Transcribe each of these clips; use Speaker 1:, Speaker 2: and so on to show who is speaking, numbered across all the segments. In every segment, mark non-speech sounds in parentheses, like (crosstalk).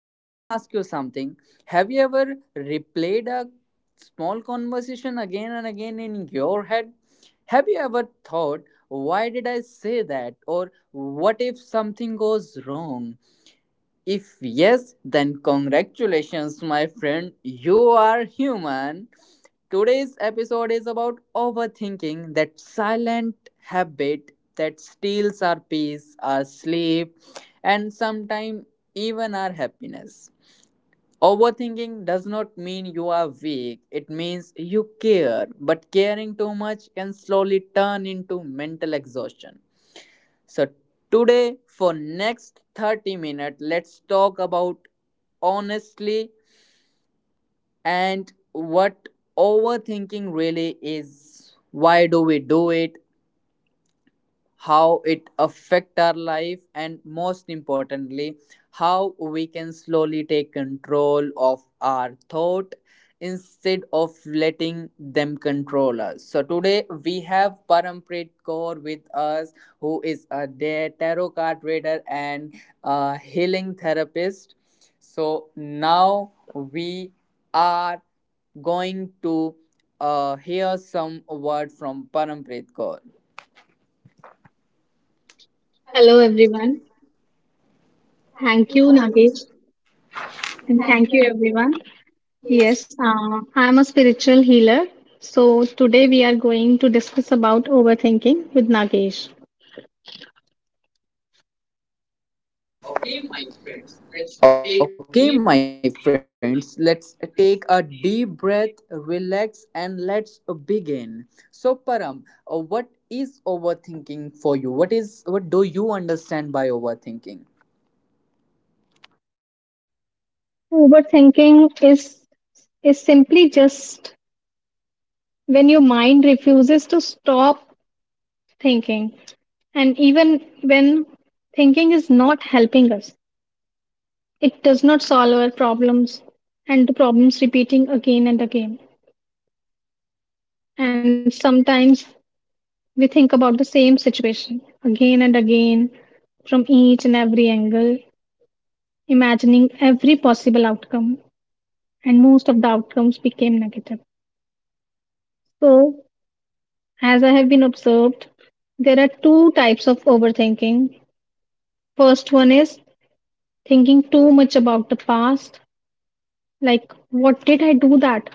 Speaker 1: Let me ask you something. Have you ever replayed a small conversation again and again in your head? Have you ever thought, why did I say that? Or what if something goes wrong? If yes, then congratulations, my friend. You are human. Today's episode is about overthinking, that silent habit that steals our peace, our sleep, and sometimes even our happiness. Overthinking does not mean you are weak, it means you care, but caring too much can slowly turn into mental exhaustion. So today for next 30 minutes let's talk about, honestly, and what overthinking really is. Why do we do it? How it affect our life, and most importantly how we can slowly take control of our thought instead of letting them control us. So today we have Parampreet Kaur with us, who is a tarot card reader and a healing therapist. So now we are going to hear some word from Parampreet Kaur.
Speaker 2: Hello, everyone. Thank you, Nagesh. And thank you, everyone. Yes, I'm a spiritual healer. So today we are going to discuss about overthinking with Nagesh.
Speaker 1: Okay, my friends, let's take a deep breath, relax, and let's begin. So, Param, what is overthinking for you? What do you understand by overthinking?
Speaker 2: Overthinking is simply just when your mind refuses to stop thinking. And even when thinking is not helping us, it does not solve our problems and the problems repeating again and again. And sometimes we think about the same situation again and again from each and every angle, imagining every possible outcome, and most of the outcomes became negative. So, as I have been observed, there are two types of overthinking. First one is thinking too much about the past, like what did I do that?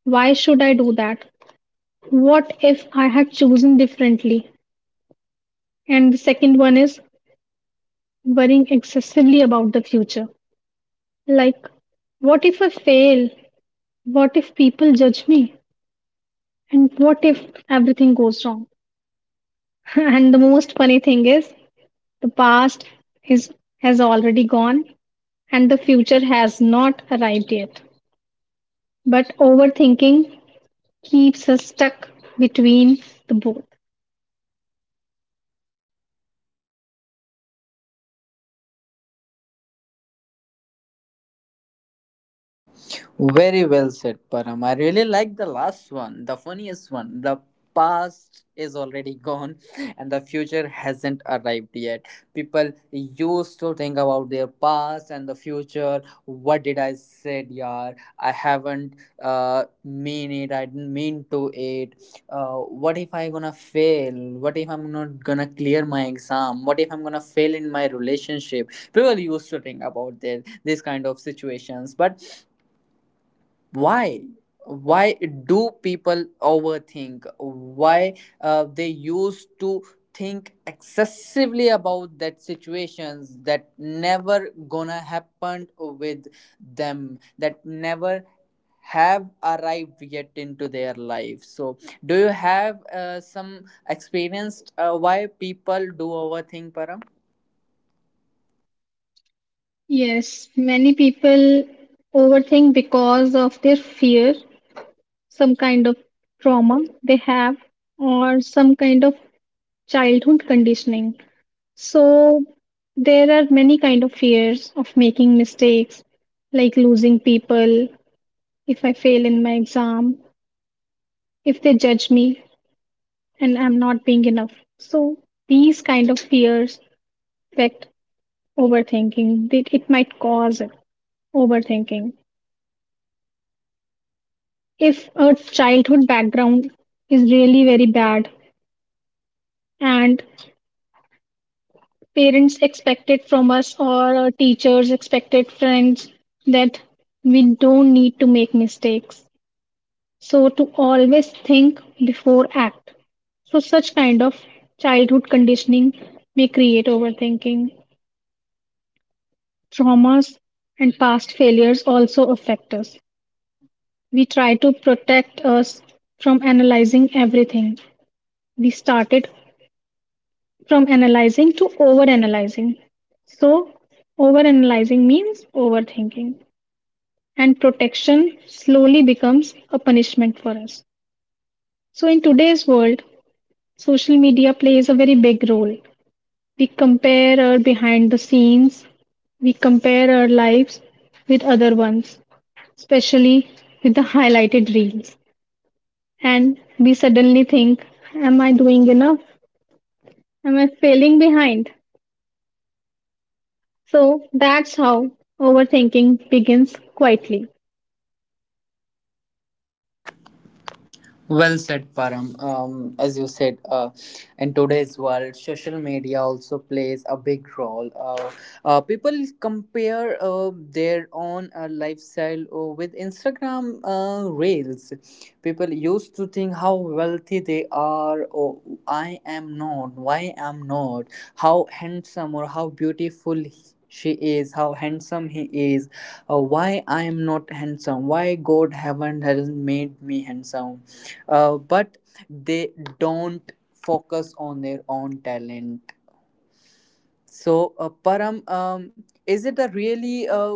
Speaker 2: Why should I do that? What if I had chosen differently? And the second one is worrying excessively about the future. Like, what if I fail? What if people judge me? And what if everything goes wrong? (laughs) And the most funny thing is, the past is, has already gone and the future has not arrived yet. But overthinking keeps us stuck between the both.
Speaker 1: Very well said, Param. I really like the last one, the funniest one. The past is already gone and the future hasn't arrived yet. People used to think about their past and the future. What did I said, yaar? I haven't mean it. I didn't mean to it. What if I gonna fail? What if I'm not gonna clear my exam? What if I'm gonna fail in my relationship? People used to think about their this kind of situations, but why why do people overthink, why they used to think excessively about that situations that never gonna happen with them, that never have arrived yet into their life. So do you have some experience, why people do overthink, Param?
Speaker 2: Yes, many people overthink because of their fear, some kind of trauma they have, or some kind of childhood conditioning. So there are many kind of fears of making mistakes, like losing people, if I fail in my exam, if they judge me and I'm not being enough. So these kind of fears affect overthinking. It might cause overthinking. If a childhood background is really very bad and parents expect it from us or our teachers expected friends that we don't need to make mistakes. So to always think before act. So such kind of childhood conditioning may create overthinking. Traumas and past failures also affect us. We try to protect us from analyzing everything. We started from analyzing to overanalyzing. So overanalyzing means overthinking and protection slowly becomes a punishment for us. So in today's world, social media plays a very big role. We compare our behind the scenes, we compare our lives with other ones, especially with the highlighted reels. And we suddenly think, am I doing enough? Am I failing behind? So that's how overthinking begins quietly.
Speaker 1: Well said, Param. As you said, in today's world, social media also plays a big role. People compare their own lifestyle with Instagram reels. People used to think how wealthy they are, or I am not, why am not, how handsome or how beautiful she is, how handsome he is, why I am not handsome, why God haven't hasn't made me handsome, but they don't focus on their own talent. So, Param, is it a really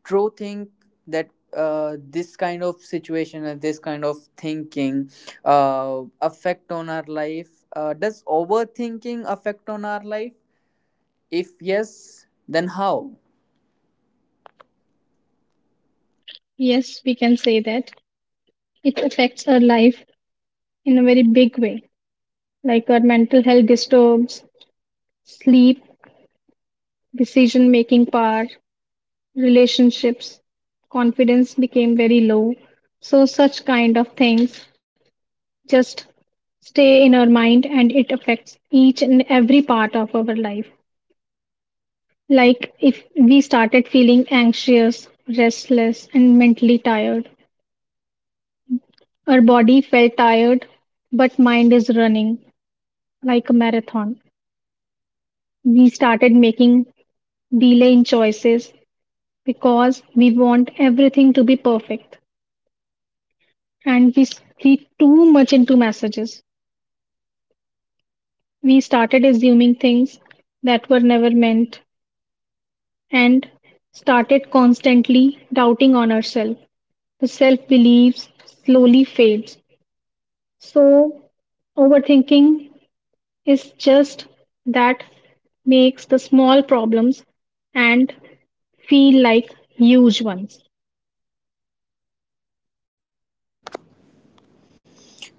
Speaker 1: true thing that this kind of situation and this kind of thinking affect on our life? Does overthinking affect on our life? If yes, then how?
Speaker 2: Yes, we can say that it affects our life in a very big way, like our mental health disturbs, sleep, decision making power, relationships, confidence became very low. So such kind of things just stay in our mind and it affects each and every part of our life, like if we started feeling anxious, restless and mentally tired, our body felt tired but mind is running like a marathon. We started making delay in choices because we want everything to be perfect, and we read too much into messages. We started assuming things that were never meant and started constantly doubting on ourselves. The self beliefs slowly fades. So, overthinking is just that makes the small problems and feel like huge ones.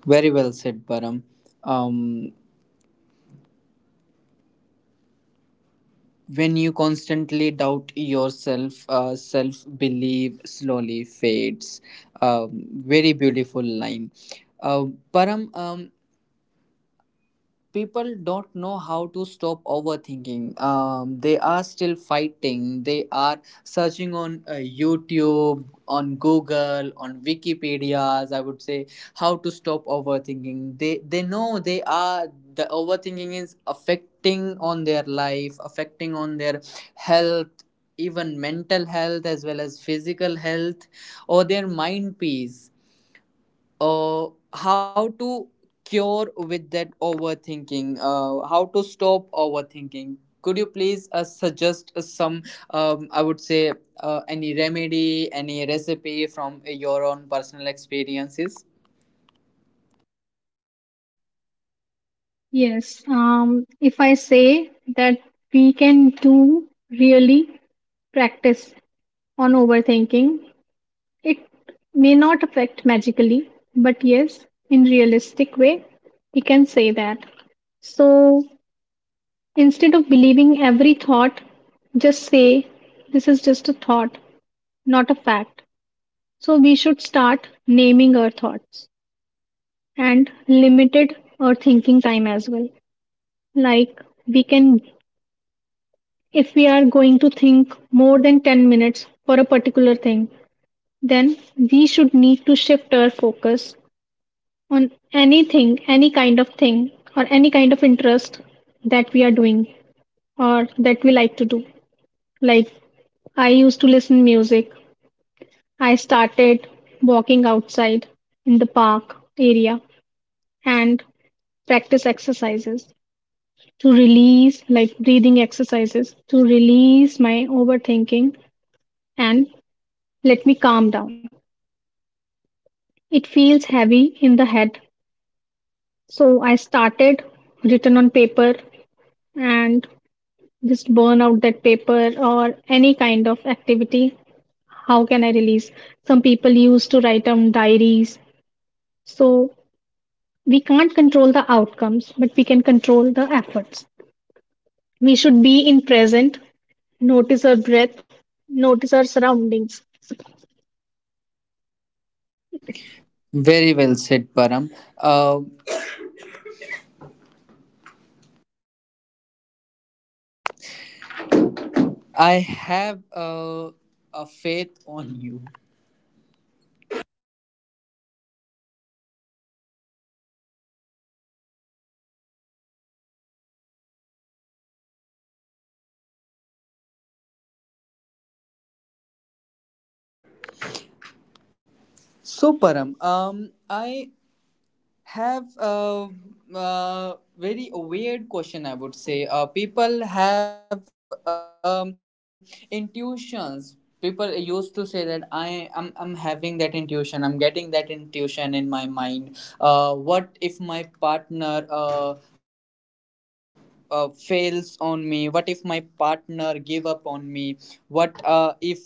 Speaker 1: Very well said, Param. Um, When you constantly doubt yourself, self belief slowly fades. Very beautiful line. Uh, Param, people don't know how to stop overthinking, they are still fighting, they are searching on YouTube, on Google, on Wikipedias, I would say, how to stop overthinking. They know the overthinking is affecting on their life, affecting on their health, even mental health as well as physical health, or their mind peace. uh, how to cure with that overthinking, how to stop overthinking? Could you please suggest some, I would say, any remedy, any recipe from your own personal experiences?
Speaker 2: Yes, if I say that we can do really practice on overthinking, it may not affect magically, but yes, in realistic way, we can say that. So instead of believing every thought, just say this is just a thought, not a fact. So we should start naming our thoughts and limited our thinking time as well. Like we can, if we are going to think more than 10 minutes for a particular thing, then we should need to shift our focus on anything, any kind of thing, or any kind of interest that we are doing or that we like to do. Like I used to listen music. I started walking outside in the park area and practice exercises to release like breathing exercises to release my overthinking and let me calm down. It feels heavy in the head. So I started written on paper and just burn out that paper or any kind of activity. How can I release? Some people used to write down diaries. So we can't control the outcomes but we can control the efforts. We should be in present, notice our breath, notice our surroundings.
Speaker 1: Very well said, Param. uh, I have a faith on you. So, Param, I have a, very weird question, I would say. People have intuitions. People used to say that I'm having that intuition, I'm getting that intuition in my mind. What if my partner fails on me? What if my partner give up on me? What if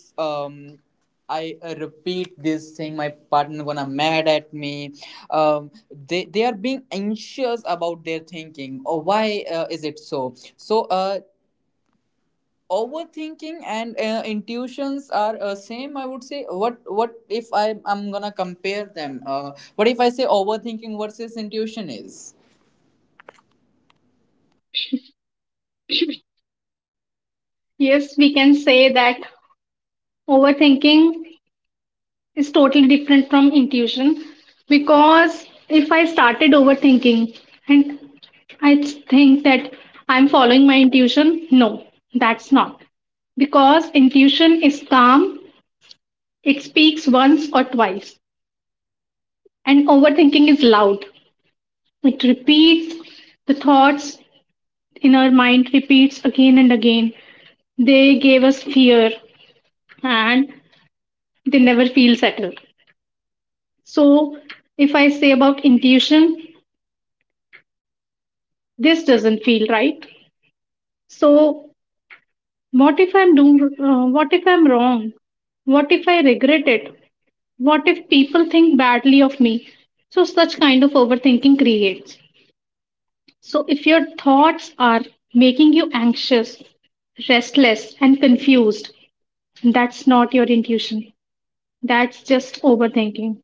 Speaker 1: I repeat this thing, my partner gonna mad at me? Um, they are being anxious about their thinking. Or why is it so? So overthinking and intuitions are same, I would say. What if I'm gonna compare them? What if I say overthinking versus intuition is?
Speaker 2: Yes, we can say that overthinking is totally different from intuition because if I started overthinking and I think that I'm following my intuition, no, that's not. Because intuition is calm, it speaks once or twice, and overthinking is loud. It repeats the thoughts in our mind, repeats again and again. They gave us fear and they never feel settled. So, if I say about intuition, this doesn't feel right. So, what if I'm doing, what if I'm wrong? What if I regret it? What if people think badly of me? So, such kind of overthinking creates. So, if your thoughts are making you anxious, restless, and confused, that's not your intuition. That's just overthinking.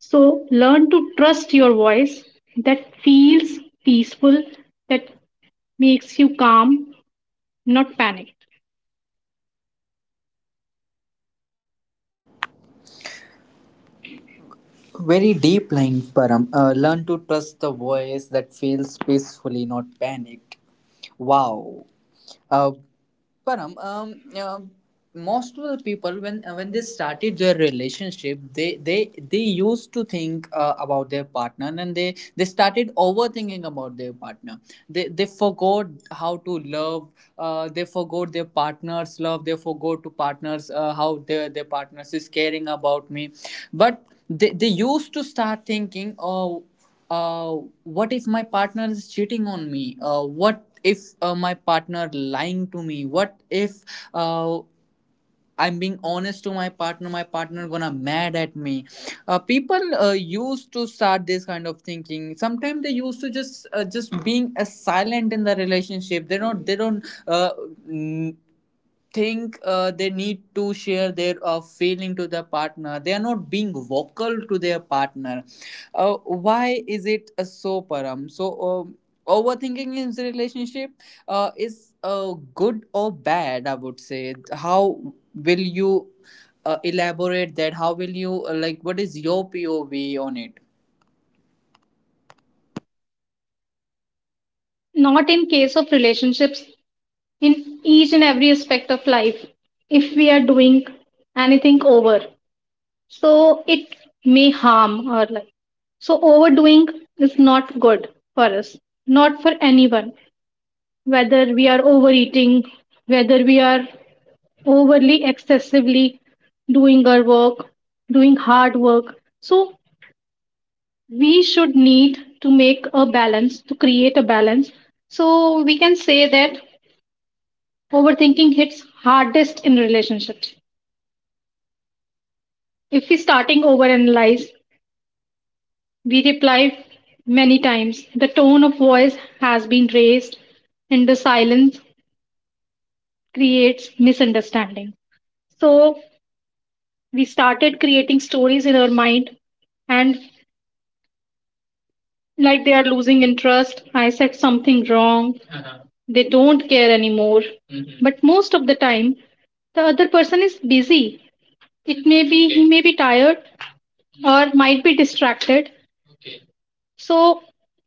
Speaker 2: So, learn to trust your voice that feels peaceful, that makes you calm, not panic.
Speaker 1: Very deep line, Param. Learn to trust the voice that feels peacefully, not panicked. Wow. Uh, Param, most of the people when they started their relationship, they used to think about their partner, and they started overthinking about their partner. They forgot how to love. They forgot their partner's love, they forgot to partners how their partners is caring about me. But they used to start thinking, oh, uh, what if my partner is cheating on me, what if my partner lying to me, what if uh, I'm being honest to my partner, my partner gonna mad at me. People used to start this kind of thinking. Sometimes they used to just being silent in the relationship. They don't they don't uh, n- think they need to share their feeling to their partner. They are not being vocal to their partner. Why is it so, Param? So overthinking in the relationship, is good or bad, I would say? How will you elaborate that? How will you, what is your POV on it?
Speaker 2: Not in case of relationships, in each and every aspect of life, if we are doing anything over, so it may harm our life. So, overdoing is not good for us, not for anyone, whether we are overeating, whether we are overly excessively doing our work, doing hard work. So, we should need to make a balance, to create a balance. So, we can say that overthinking hits hardest in relationships. If we starting overanalyze, we reply many times. The tone of voice has been raised and the silence creates misunderstanding. So we started creating stories in our mind and like they are losing interest. I said something wrong. They don't care anymore. Mhm. But most of the time, the other person is busy. It may be he may be tired or might be distracted. So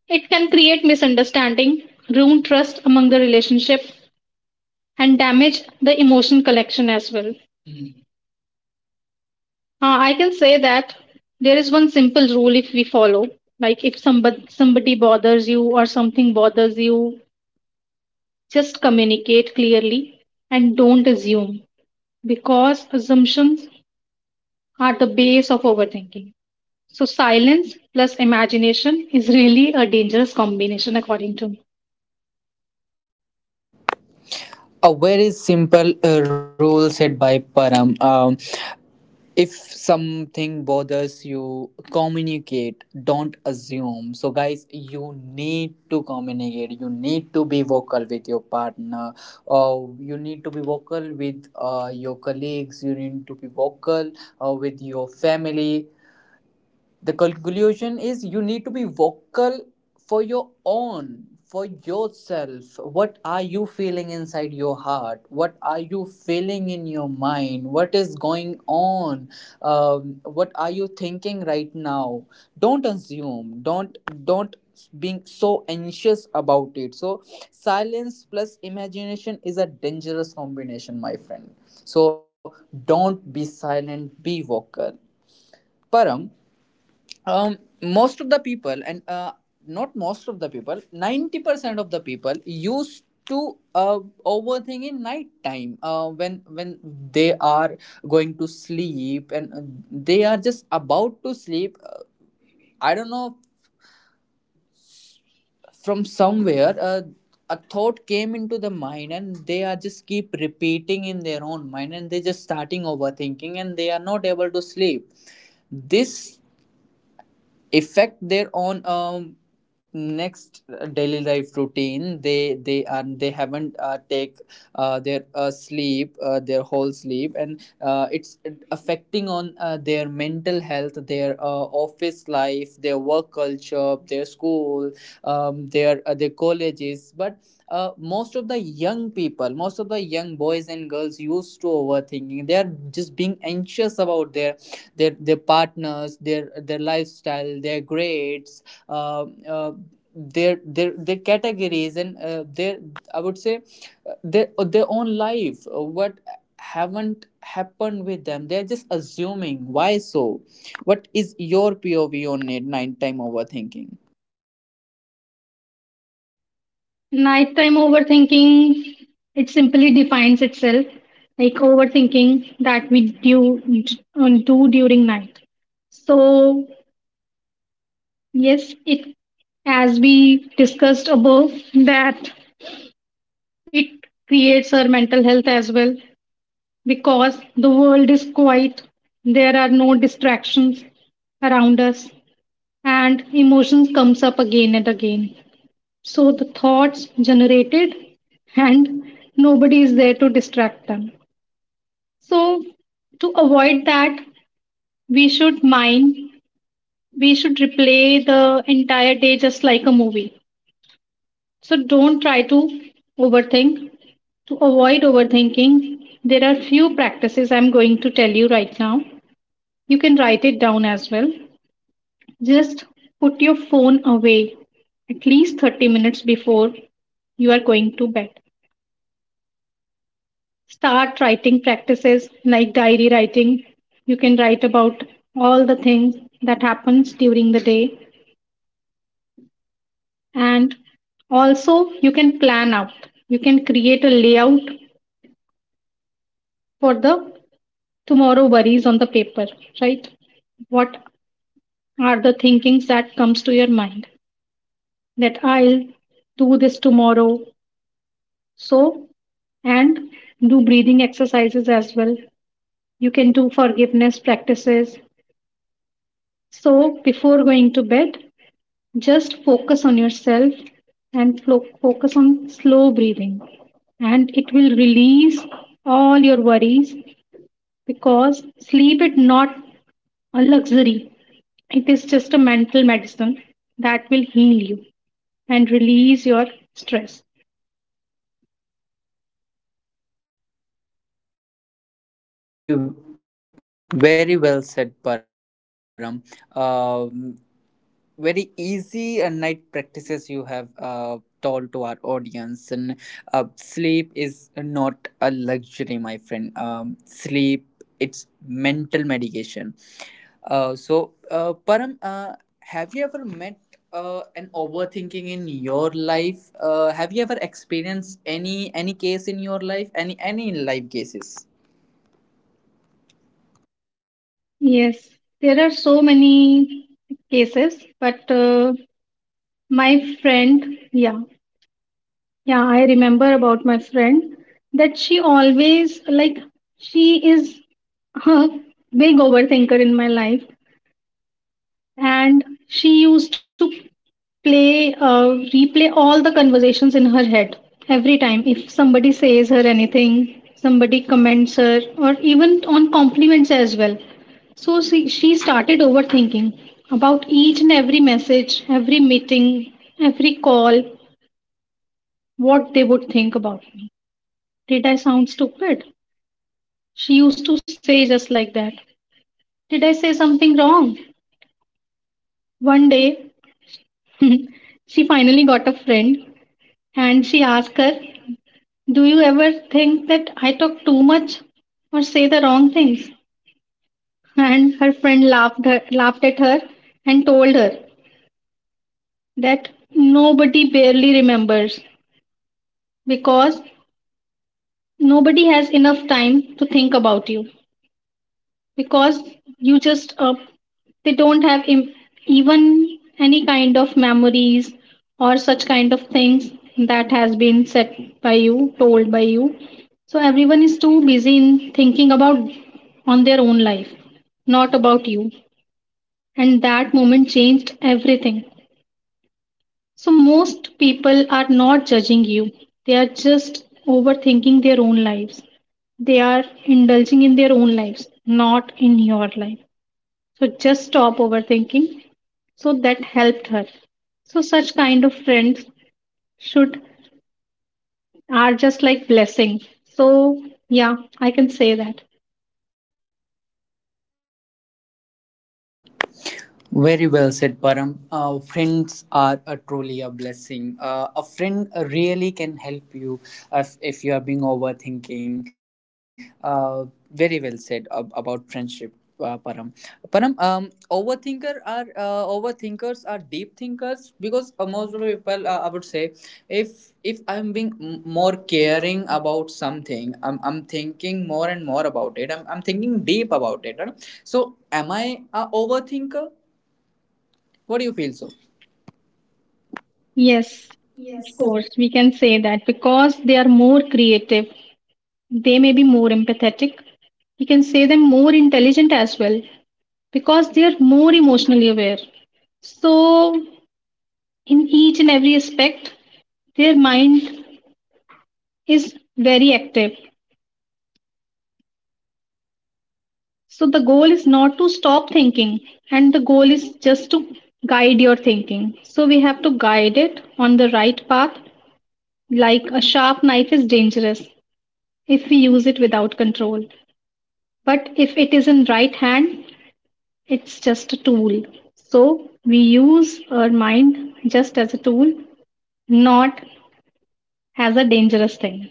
Speaker 2: it can create misunderstanding, ruin trust among the relationship, and damage the emotion collection as well. I can say that there is one simple rule if we follow, like if somebody bothers you or something bothers you, just communicate clearly and don't assume because assumptions are the base of overthinking. So silence plus imagination is really a dangerous combination according to me.
Speaker 1: A very simple rule set by Param. If something bothers you, communicate, don't assume. So guys, you need to communicate, you need to be vocal with your partner, or you need to be vocal with your colleagues, you need to be vocal with your family. The conclusion is you need to be vocal for your own, for yourself. What are you feeling inside your heart? What are you feeling in your mind? What is going on? What are you thinking right now? Don't assume, don't being so anxious about it. So silence plus imagination is a dangerous combination, my friend. So don't be silent, be vocal. Param, um most of the people, and, not most of the people, 90% of the people used to overthink in night time, when they are going to sleep, and they are just about to sleep. I don't know, from somewhere a thought came into the mind, and they are just keep repeating in their own mind, and they just starting overthinking, and they are not able to sleep. This affect their own, next daily life routine. They haven't take their sleep, their whole sleep, and it's affecting on their mental health, their office life, their work culture, their school, their colleges. But most of the young people, most of the young boys and girls used to overthinking. They are just being anxious about their partners, their lifestyle, their grades. Uh, uh, their categories, and their, I would say, their, own life, what haven't happened with them, they're just assuming why. So what is your POV on it, nighttime overthinking?
Speaker 2: Nighttime overthinking, it simply defines itself like overthinking that we do, do during night. So, yes, it as we discussed above, that it creates our mental health as well because the world is quiet, there are no distractions around us, and emotions comes up again and again. So the thoughts generated and nobody is there to distract them. So to avoid that, we should mine, we should replay the entire day just like a movie. So don't try to overthink. To avoid overthinking, there are few practices I'm going to tell you right now. You can write it down as well. Just put your phone away at least 30 minutes before you are going to bed. Start writing practices like diary writing. You can write about all the things that happens during the day, and also you can plan out, you can create a layout for the tomorrow worries on the paper. Right, what are the thinkings that comes to your mind that I'll do this tomorrow. So and do breathing exercises as well. You can do forgiveness practices. So before going to bed, just focus on yourself and focus on slow breathing, and it will release all your worries because sleep is not a luxury, it is just a mental medicine that will heal you and release your stress.
Speaker 1: Very well said, Param. Um very easy night practices you have told to our audience. And sleep is not a luxury, my friend. Sleep, it's mental medication. So, Param, have you ever met an overthinking in your life? Have you ever experienced any case in your life, any life cases?
Speaker 2: Yes, there are so many cases, but my friend, yeah, yeah, I remember about my friend that she always like she is a big overthinker in my life, and she used to play replay all the conversations in her head every time if somebody says her anything, somebody comments her, or even on compliments as well. So she started overthinking about each and every message, every meeting, every call, what they would think about me. Did I sound stupid? She used to say just like that. Did I say something wrong? One day, (laughs) she finally got a friend and she asked her, do you ever think that I talk too much or say the wrong things? And her friend laughed, laughed at her and told her that nobody barely remembers because nobody has enough time to think about you, because you just they don't have even any kind of memories or such kind of things that has been said by you told by you. So everyone is too busy in thinking about on their own life, not about you. And that moment changed everything. So most people are not judging you, they are just overthinking their own lives, they are indulging in their own lives, not in your life. So just stop overthinking. So that helped her. So such kind of friends should are just like blessing. So yeah, I can say that.
Speaker 1: Very well said, Param. Friends are a truly a blessing. A friend really can help you, if you are being overthinking. Uh, Very well said about friendship. Uh, Param, Param, overthinkers are deep thinkers, because most of the people, I would say, if I'm being more caring about something, I'm thinking more and more about it. I'm thinking deep about it. You So am I a overthinker? What do you feel so?
Speaker 2: Yes, of course, we can say that because they are more creative, they may be more empathetic. We can say them more intelligent as well because they are more emotionally aware. So in each and every aspect, their mind is very active. So the goal is not to stop thinking, and the goal is just to guide your thinking. So we have to guide it on the right path, like a sharp knife is dangerous if we use it without control. But if it is in right hand, it's just a tool. So we use our mind just as a tool, not as a dangerous thing.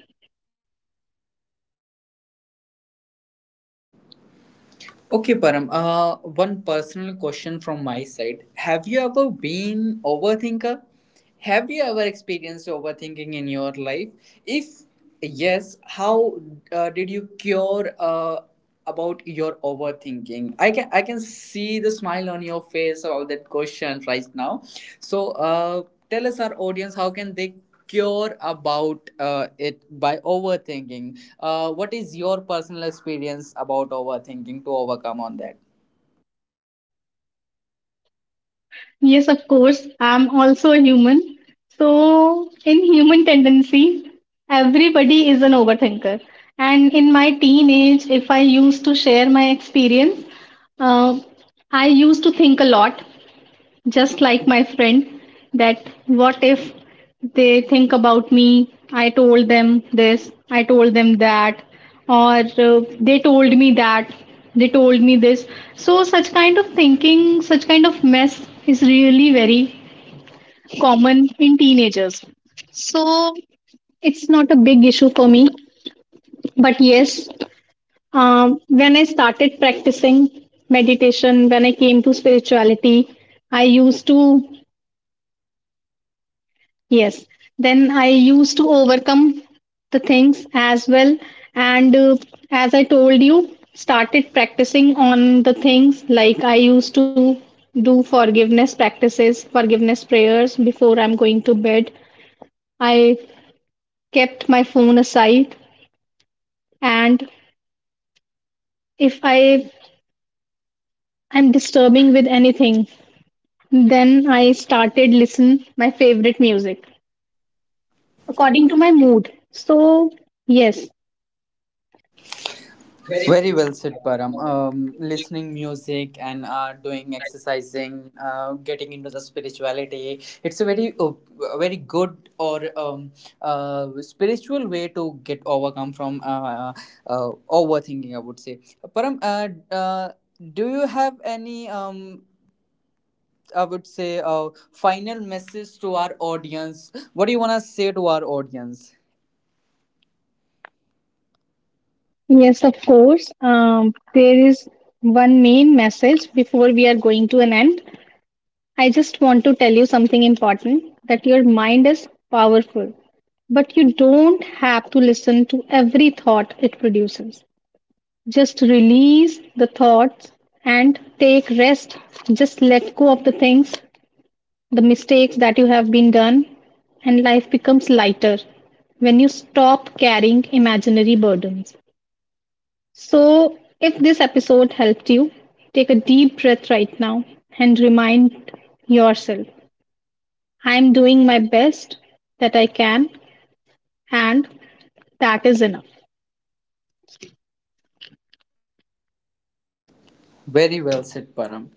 Speaker 1: Okay, Param. One personal question from my side. Have you ever been overthinker? Have you ever experienced overthinking in your life? If yes, how did you cure about your overthinking? I can see the smile on your face about that question right now. So, tell us our audience how can they cure about it by overthinking. What is your personal experience about overthinking to overcome on that?
Speaker 2: Yes, of course. I'm also a human. So, in human tendency, everybody is an overthinker. And in my teenage, if I used to share my experience, uh, I used to think a lot. Just like my friend, that what if they think about me? I told them this, I told them that, or they told me that, they told me this. So, such kind of thinking, such kind of mess is really very common in teenagers. So, it's not a big issue for me. But yes, when I started practicing meditation, when I came to spirituality, I used to yes. Then I used to overcome the things as well. And as I told you, started practicing on the things like I used to do forgiveness practices, forgiveness prayers before I'm going to bed. I kept my phone aside. And if I am disturbing with anything, then I started listen my favorite music according to my mood. So yes,
Speaker 1: Very well said, Param. Listening music, and doing exercising, getting into the spirituality. It's a very, very good, or spiritual way to get overcome from overthinking, I would say, Param. Do you have any, I would say, final message to our audience? What do you want to say to our audience?
Speaker 2: yes, of course. There is one main message before we are going to an end. I just want to tell you something important that your mind is powerful, but you don't have to listen to every thought it produces. Just release the thoughts and take rest. Just let go of the things, the mistakes that you have been done, and life becomes lighter when you stop carrying imaginary burdens. So, if this episode helped you, take a deep breath right now and remind yourself I am doing my best that I can, and that is enough.
Speaker 1: Very well said, Param.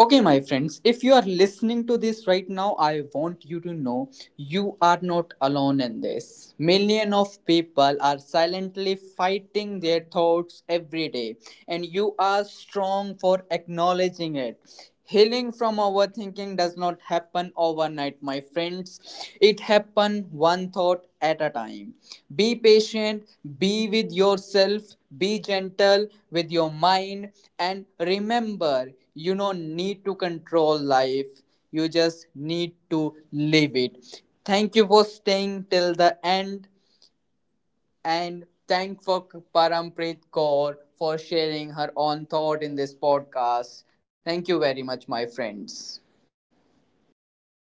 Speaker 1: Okay, my friends, if you are listening to this right now, I want you to know you are not alone in this. Millions of people are silently fighting their thoughts every day, and you are strong for acknowledging it. Healing from overthinking does not happen overnight, my friends. It happens one thought at a time. Be patient, be with yourself, be gentle with your mind, and remember, you don't need to control life, you just need to live it. Thank you for staying till the end, and thank for Parampreet Kaur for sharing her own thought in this podcast. Thank you very much, my friends.